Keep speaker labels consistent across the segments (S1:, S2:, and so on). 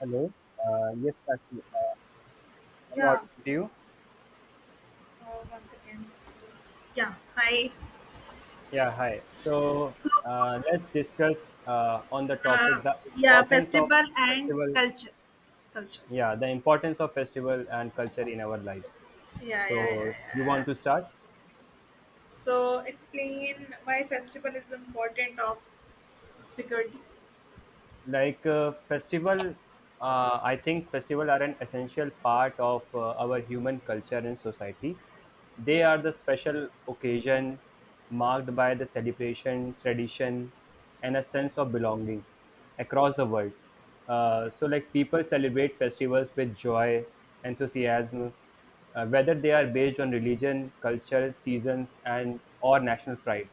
S1: Hello. Yes, Sakshi, I'm
S2: Yeah,
S1: audible to you.
S2: one second. Yeah, hi.
S1: Yeah, hi. So
S2: So,
S1: let's discuss on the
S2: uh,
S1: topic the
S2: yeah,
S1: importance of
S2: festival and
S1: festival.
S2: culture. Culture.
S1: Yeah, the importance of festival and culture in our lives.
S2: Yeah, yeah, yeah,
S1: So you
S2: yeah.
S1: want to start?
S2: So, explain why festival is important of security.
S1: Like festival. I think festival are an essential part of our human culture and society. They
S2: Yeah.
S1: are the special occasion marked by the celebration tradition and a sense of belonging across the world. So like people celebrate festivals with joy, enthusiasm, whether they are based on religion, culture, seasons, and or national pride.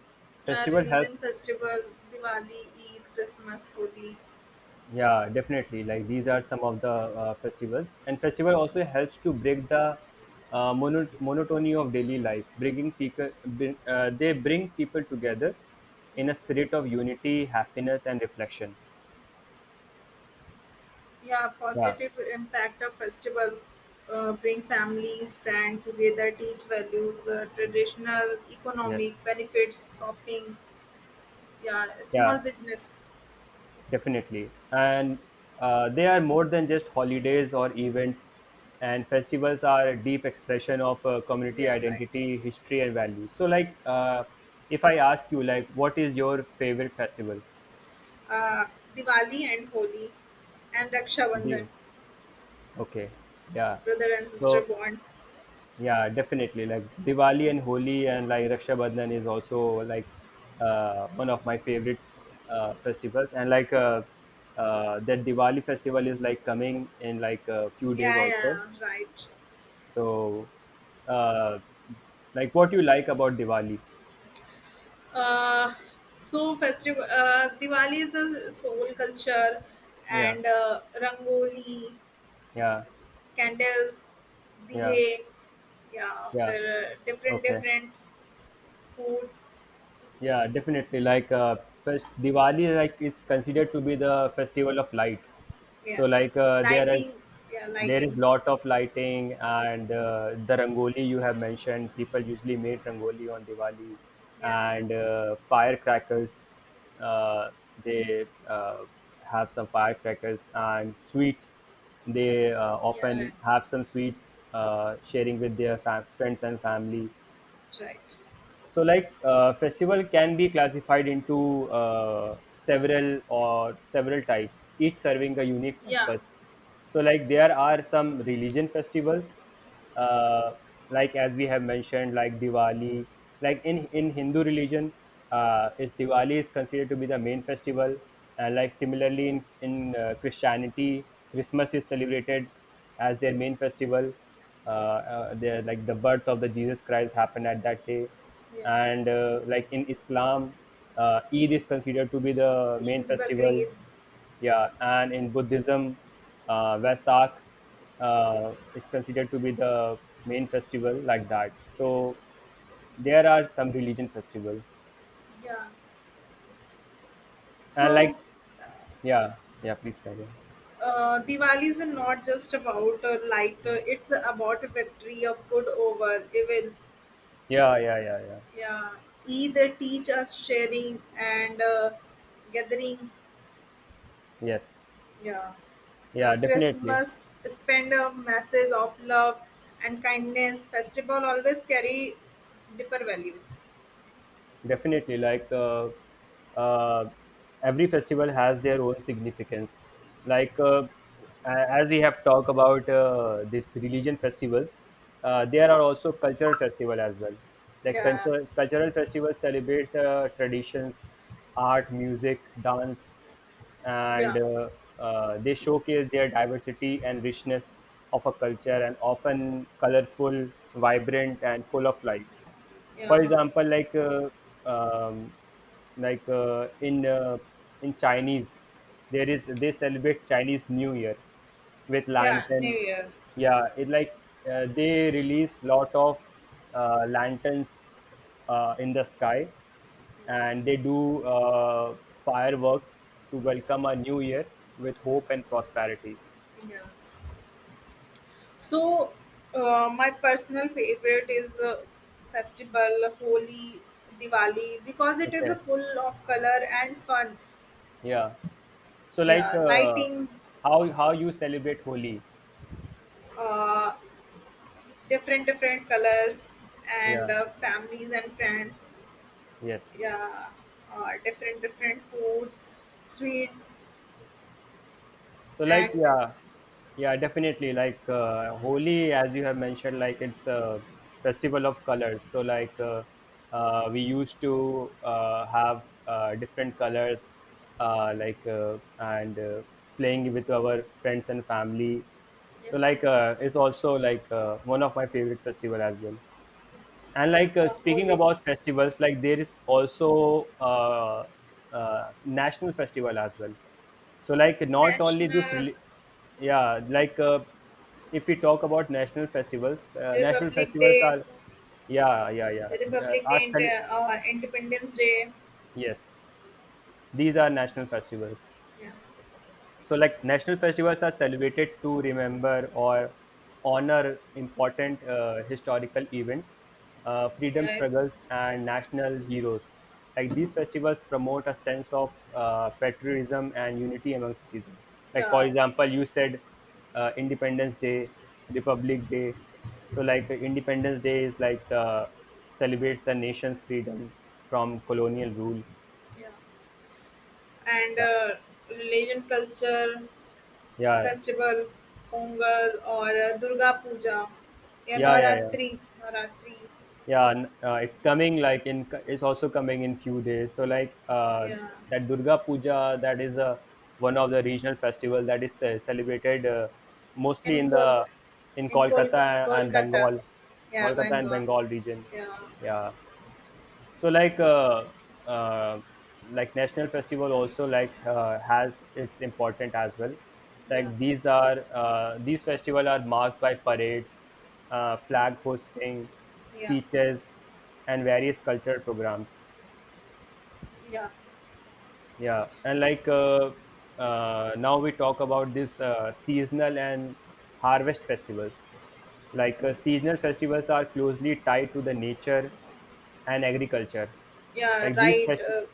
S1: Festival helps.
S2: Religion festival, Diwali, Eid, Christmas, Holi.
S1: Yeah, definitely. Like these are some of the festivals, and festival also helps to break the monotony of daily life. Bringing people, they bring people together in a spirit of unity, happiness, and reflection.
S2: Yeah,
S1: Yeah.
S2: positive impact of festival. Bring families, friends together, teach values, traditional,
S1: Yes.
S2: economic benefits, shopping, yeah, small
S1: Yeah.
S2: business.
S1: Definitely. And they are more than just holidays or events. And festivals are a deep expression of community
S2: Yeah, right.
S1: identity, history, and values. So, if I ask you, like, what is your favorite festival?
S2: Uh, Diwali and Holi and Raksha Bandhan,
S1: Div, okay, yeah.
S2: brother and sister
S1: So,
S2: bond.
S1: yeah, definitely, like, Diwali and Holi and, like, Raksha Bandhan is also, like, one of my favorites, festivals. And, like, that Diwali festival is, like, coming in, like, a few days
S2: Yeah,
S1: also.
S2: yeah, right.
S1: So, uh, like, what you like about Diwali?
S2: Uh, so festival Diwali is a soul culture,
S1: Yeah,
S2: and rangoli,
S1: yeah,
S2: candles,
S1: yeah,
S2: diye, yeah,
S1: yeah.
S2: for uh, different
S1: Okay.
S2: different foods.
S1: Yeah, definitely. Like Diwali, like is considered to be the festival of light.
S2: Yeah,
S1: So like
S2: lighting. Yeah,
S1: there is
S2: lighting.
S1: lot of lighting and the rangoli you have mentioned. People usually make rangoli on Diwali
S2: Yeah,
S1: and firecrackers. Uh, they have some firecrackers and sweets. They
S2: yeah, yeah, right.
S1: often have some sweets sharing with their friends and family.
S2: Right.
S1: So, like, festival can be classified into several types, each serving a unique
S2: Yeah,
S1: purpose. So, like, there are some religion festivals, uh, like as we have mentioned, like Diwali. Like in Hindu religion, is Diwali is considered to be the main festival, and like similarly in Christianity, Christmas is celebrated as their main festival. Their like the birth of the Jesus Christ happened at that day,
S2: yeah.
S1: and like in islam, eid is considered to be the main
S2: Eid
S1: festival.
S2: Bakrid.
S1: Yeah, and in buddhism, vesak is considered to be the main festival, like that. So there are some religion festival.
S2: Yeah.
S1: And
S2: So
S1: like, yeah, yeah, please carry on.
S2: Diwali is not just about a light, it's about a victory of good over evil.
S1: Yeah, yeah, yeah, yeah.
S2: Yeah. Either teach us sharing and gathering.
S1: Yes,
S2: Yeah.
S1: yeah,
S2: On
S1: definitely.
S2: Christmas, spend a message of love and kindness. Festival always carry deeper values.
S1: Definitely, like uh, every festival has their own significance. Like as we have talked about this religion festivals, there are also cultural festival as well. Like
S2: Yeah.
S1: cultural festivals celebrate the traditions, art, music, dance,
S2: Yeah.
S1: and they showcase their diversity and richness of a culture, and often colorful, vibrant, and full of life. For
S2: Yeah.
S1: example, like um, like uh, in uh, in Chinese, there is they celebrate Chinese New Year with
S2: Yeah. New
S1: lantern.
S2: Year.
S1: Yeah, it like they release lot of lanterns in the sky,
S2: Yeah.
S1: and they do fireworks to welcome a new year with hope and
S2: Yes.
S1: prosperity.
S2: Yes. So, my personal favorite is the festival Holi, Diwali because it is a
S1: Okay.
S2: full of color and fun.
S1: Yeah. So like
S2: Yeah,
S1: uh,
S2: lighting,
S1: how how you celebrate Holi?
S2: uh, different colors and
S1: Yeah.
S2: families and friends.
S1: Yes.
S2: Yeah, different foods, sweets,
S1: So
S2: and
S1: like yeah, yeah, definitely. Like Holi, as you have mentioned, like it's a festival of colors. So like we used to have different colors, and playing with our friends and family. So
S2: yes,
S1: like
S2: yes,
S1: it's also like one of my favorite festival as well. And like speaking
S2: Holi.
S1: about festivals, like there is also national festival as well. So, like, not only this,
S2: National
S1: yeah, if we talk about national
S2: Republic
S1: festivals
S2: Day,
S1: are, yeah, yeah, yeah. They
S2: Republic Day, Independence Day.
S1: yes, these are national festivals.
S2: Yeah.
S1: So, like national festivals are celebrated to remember or honor important historical events, freedom
S2: Yeah.
S1: struggles, and national heroes. Like these festivals promote a sense of patriotism and unity among citizens. Like for
S2: Yes,
S1: example, you said Independence Day, Republic Day. So, like Independence Day is like celebrates the nation's freedom from colonial rule.
S2: yeah, and
S1: Yeah,
S2: religion, culture,
S1: yeah, yeah,
S2: festival, Pongal or Durga Puja, yeah,
S1: yeah, yeah, yeah.
S2: Navratri, Navratri,
S1: Yeah, and, it's coming like in. It's also coming in few days. So like
S2: yeah,
S1: that Durga Puja, that is a one of the regional festival that is celebrated mostly
S2: in
S1: in
S2: Kol,
S1: the in
S2: in Kolkata, yeah,
S1: Kolkata and
S2: Bengal,
S1: Bengal region.
S2: yeah,
S1: Yeah. So like uh, like national festival also like has its important as well.
S2: yeah,
S1: Like these are these festival are marked by parades, flag hosting,
S2: yeah,
S1: speeches, and various cultural programs.
S2: yeah.
S1: Yeah, and like now we talk about this seasonal and harvest festivals. Like seasonal festivals are closely tied to the nature and agriculture,
S2: Yeah,
S1: like these
S2: right,
S1: festivals.
S2: uh,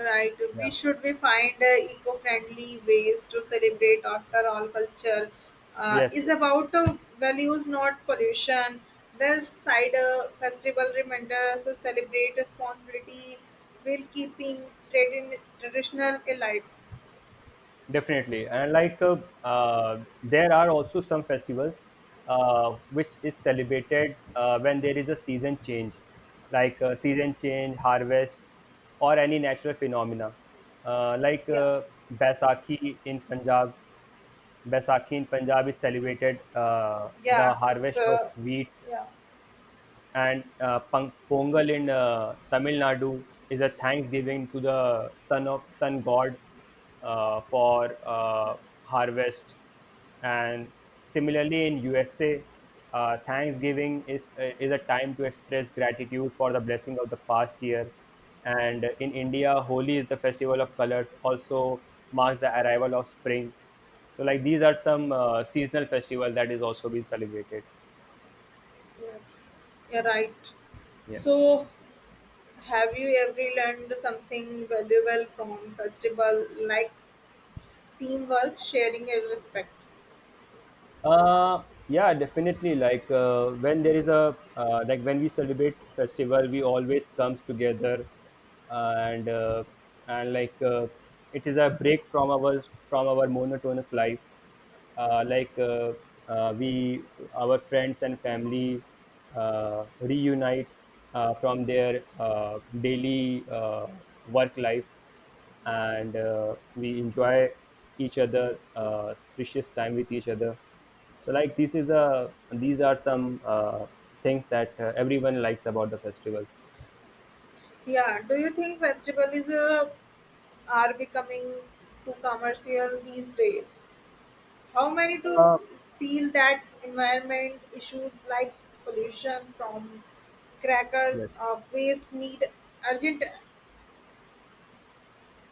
S2: right. We
S1: Yeah,
S2: should we find eco-friendly ways to celebrate. After all, culture
S1: yes,
S2: is about values, not pollution. Well, side cider festival reminder us to celebrate responsibility while keeping traditional alive.
S1: definitely. And like there are also some festivals which is celebrated when there is a season change, like season change, harvest, or any natural phenomena. Uh, like
S2: Yeah,
S1: uh, Baisakhi in Punjab, Baisakhi in Punjab is celebrated the
S2: yeah. It's
S1: harvest of wheat,
S2: yeah,
S1: and Pongal in Tamil Nadu is a thanksgiving to the sun of sun god, for harvest. And similarly, in USA, Thanksgiving is a time to express gratitude for the blessing of the past year. And in India, Holi is the festival of colors, also marks the arrival of spring. So, like these are some seasonal festivals that is also being celebrated.
S2: yes. Yeah, right.
S1: Yes.
S2: So, have you ever learned something valuable from festival like teamwork, sharing, and respect.
S1: Yeah, definitely. Like when there is a like when we celebrate festival, we always comes together, uh, and uh, and it is a break from our monotonous life. Uh, like uh, we our friends and family reunite from their daily work life,
S2: Yeah.
S1: and we enjoy each other precious time with each other. So like this is a these are some things that everyone likes about the festival.
S2: Yeah. Do you think festival is are becoming too commercial these days? How many do
S1: Uh,
S2: feel that environment issues like pollution from crackers
S1: yes.
S2: or waste need urgent?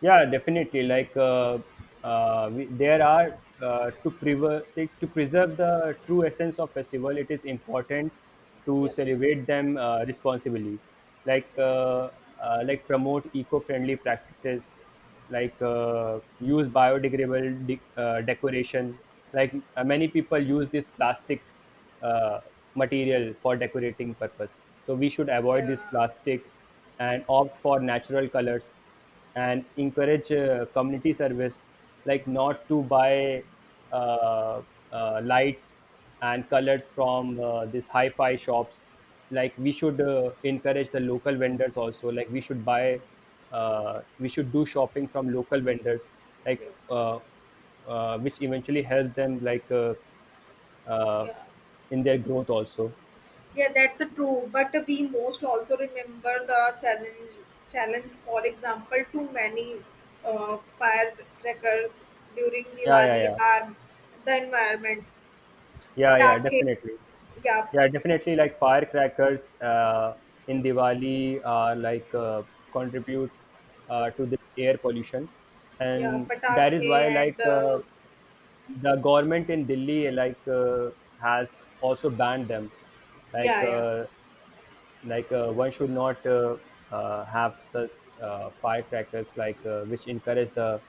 S1: Yeah, definitely. Like there are to preserve the true essence of festival. It is important to
S2: Yes.
S1: celebrate them responsibly, like uh, like promote eco-friendly practices, like use biodegradable decoration. Like many people use this plastic uh, material for decorating purpose. So we should avoid
S2: Yeah.
S1: this plastic and opt for natural colors, and encourage community service, like not to buy uh, lights and colors from these hi-fi shops. Like we should encourage the local vendors also, like we should buy we should do shopping from local vendors, like
S2: Yes.
S1: uh, which eventually helps them like uh,
S2: Yeah.
S1: in their growth also.
S2: Yeah, that's a true. But we most also remember the challenge. Challenge, for example, too many firecrackers during
S1: Yeah, yeah,
S2: Diwali
S1: yeah,
S2: harm the environment.
S1: yeah, yeah,
S2: Patake,
S1: definitely.
S2: yeah,
S1: Yeah, definitely. Like firecrackers in Diwali are like contribute to this air pollution,
S2: yeah,
S1: and that is why
S2: patake and
S1: like the government in Delhi like has also banned them. Like
S2: yeah, yeah,
S1: one should not have such firecrackers, like which encourage the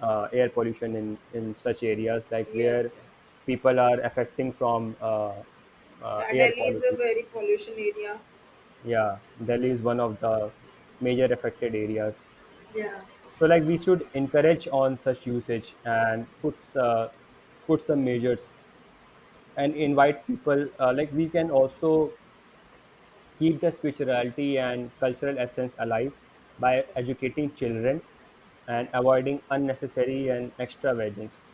S1: air pollution in such areas, like where
S2: yes, yes.
S1: people are affecting from
S2: Yeah,
S1: air
S2: Delhi is a
S1: quality.
S2: very pollution area.
S1: Yeah, Delhi is one of the major affected areas.
S2: Yeah.
S1: So like we should encourage on such usage and put put some measures and invite people. Like we can also keep the spirituality and cultural essence alive by educating children and
S2: Yeah.
S1: avoiding unnecessary and extravagance.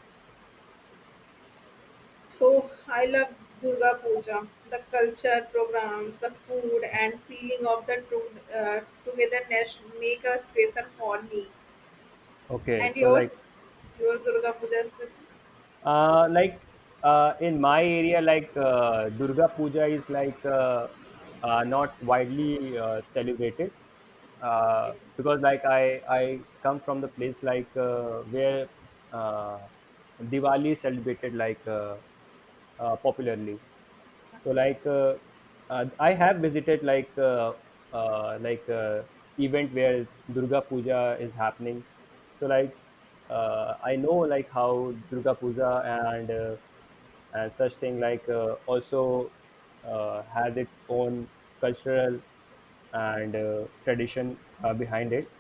S2: So I love Durga Puja, the culture programs, the food, and feeling of the togetherness make a special for me.
S1: Okay,
S2: And
S1: so
S2: your
S1: like
S2: your Durga Puja is with
S1: Uh, like in my area, like Durga Puja is like not widely celebrated
S2: okay,
S1: because like I come from the place like where uh, Diwali is celebrated like popularly. So
S2: okay,
S1: like I have visited like uh, like uh, event where Durga Puja is happening. So like I know like how Durga Puja and uh, and such thing like also has its own cultural and tradition behind it,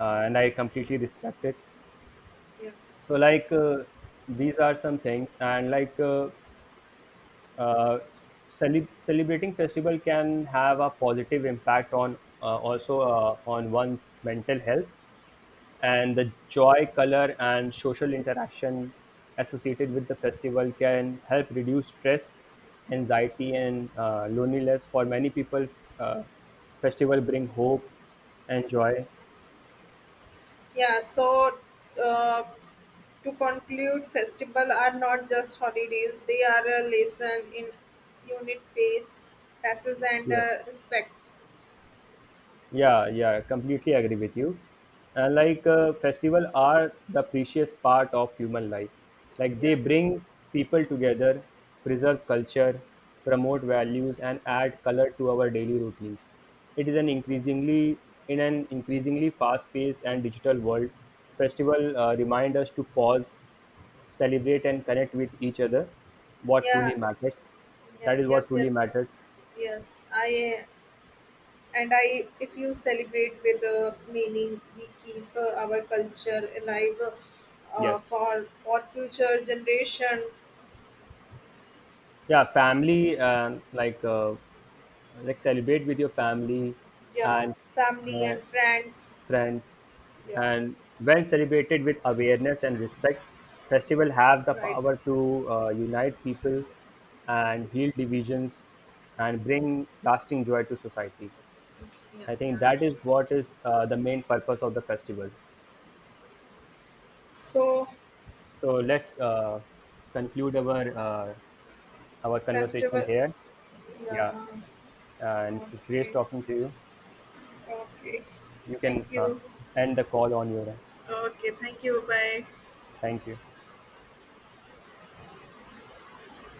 S1: and I completely respect it.
S2: yes,
S1: So like these are some things. And like uh, celebrating festival can have a positive impact on also on one's mental health, and the joy, color, and social interaction associated with the festival can help reduce stress, anxiety, and loneliness for many people. uh, Festival bring hope and joy.
S2: yeah. So uh, to conclude, festival are not just holidays; they are a lesson in unit, pace, passes, and
S1: Yes.
S2: respect.
S1: Yeah, yeah, completely agree with you. And like festival are the precious part of human life. Like
S2: Yeah,
S1: they
S2: yeah.
S1: bring people together, preserve culture, promote values, and add color to our daily routines. It is an increasingly In an increasingly fast-paced and digital world, festival remind us to pause, celebrate, and connect with each other. What
S2: Yeah,
S1: truly matters.
S2: yeah,
S1: That is what
S2: yes,
S1: truly
S2: yes,
S1: matters.
S2: yes. I and I, if you celebrate with meaning, we keep our culture alive uh,
S1: Yes.
S2: for for future generation.
S1: Yeah, family, like. Like celebrate with your family
S2: Yeah,
S1: and
S2: family
S1: uh,
S2: and friends.
S1: friends.
S2: Yeah,
S1: And when celebrated with awareness and respect, festival have the
S2: right.
S1: power to unite people and heal divisions and bring lasting joy to society.
S2: Yeah,
S1: I think that
S2: yeah.
S1: is what is the main purpose of the festival.
S2: So
S1: So let's conclude our conversation
S2: festival.
S1: here. Yeah,
S2: Yeah.
S1: and it was great
S2: Okay.
S1: talking to you.
S2: Okay.
S1: You
S2: Thank
S1: can
S2: you.
S1: end the call on your end.
S2: Okay, thank you. Bye.
S1: Thank you.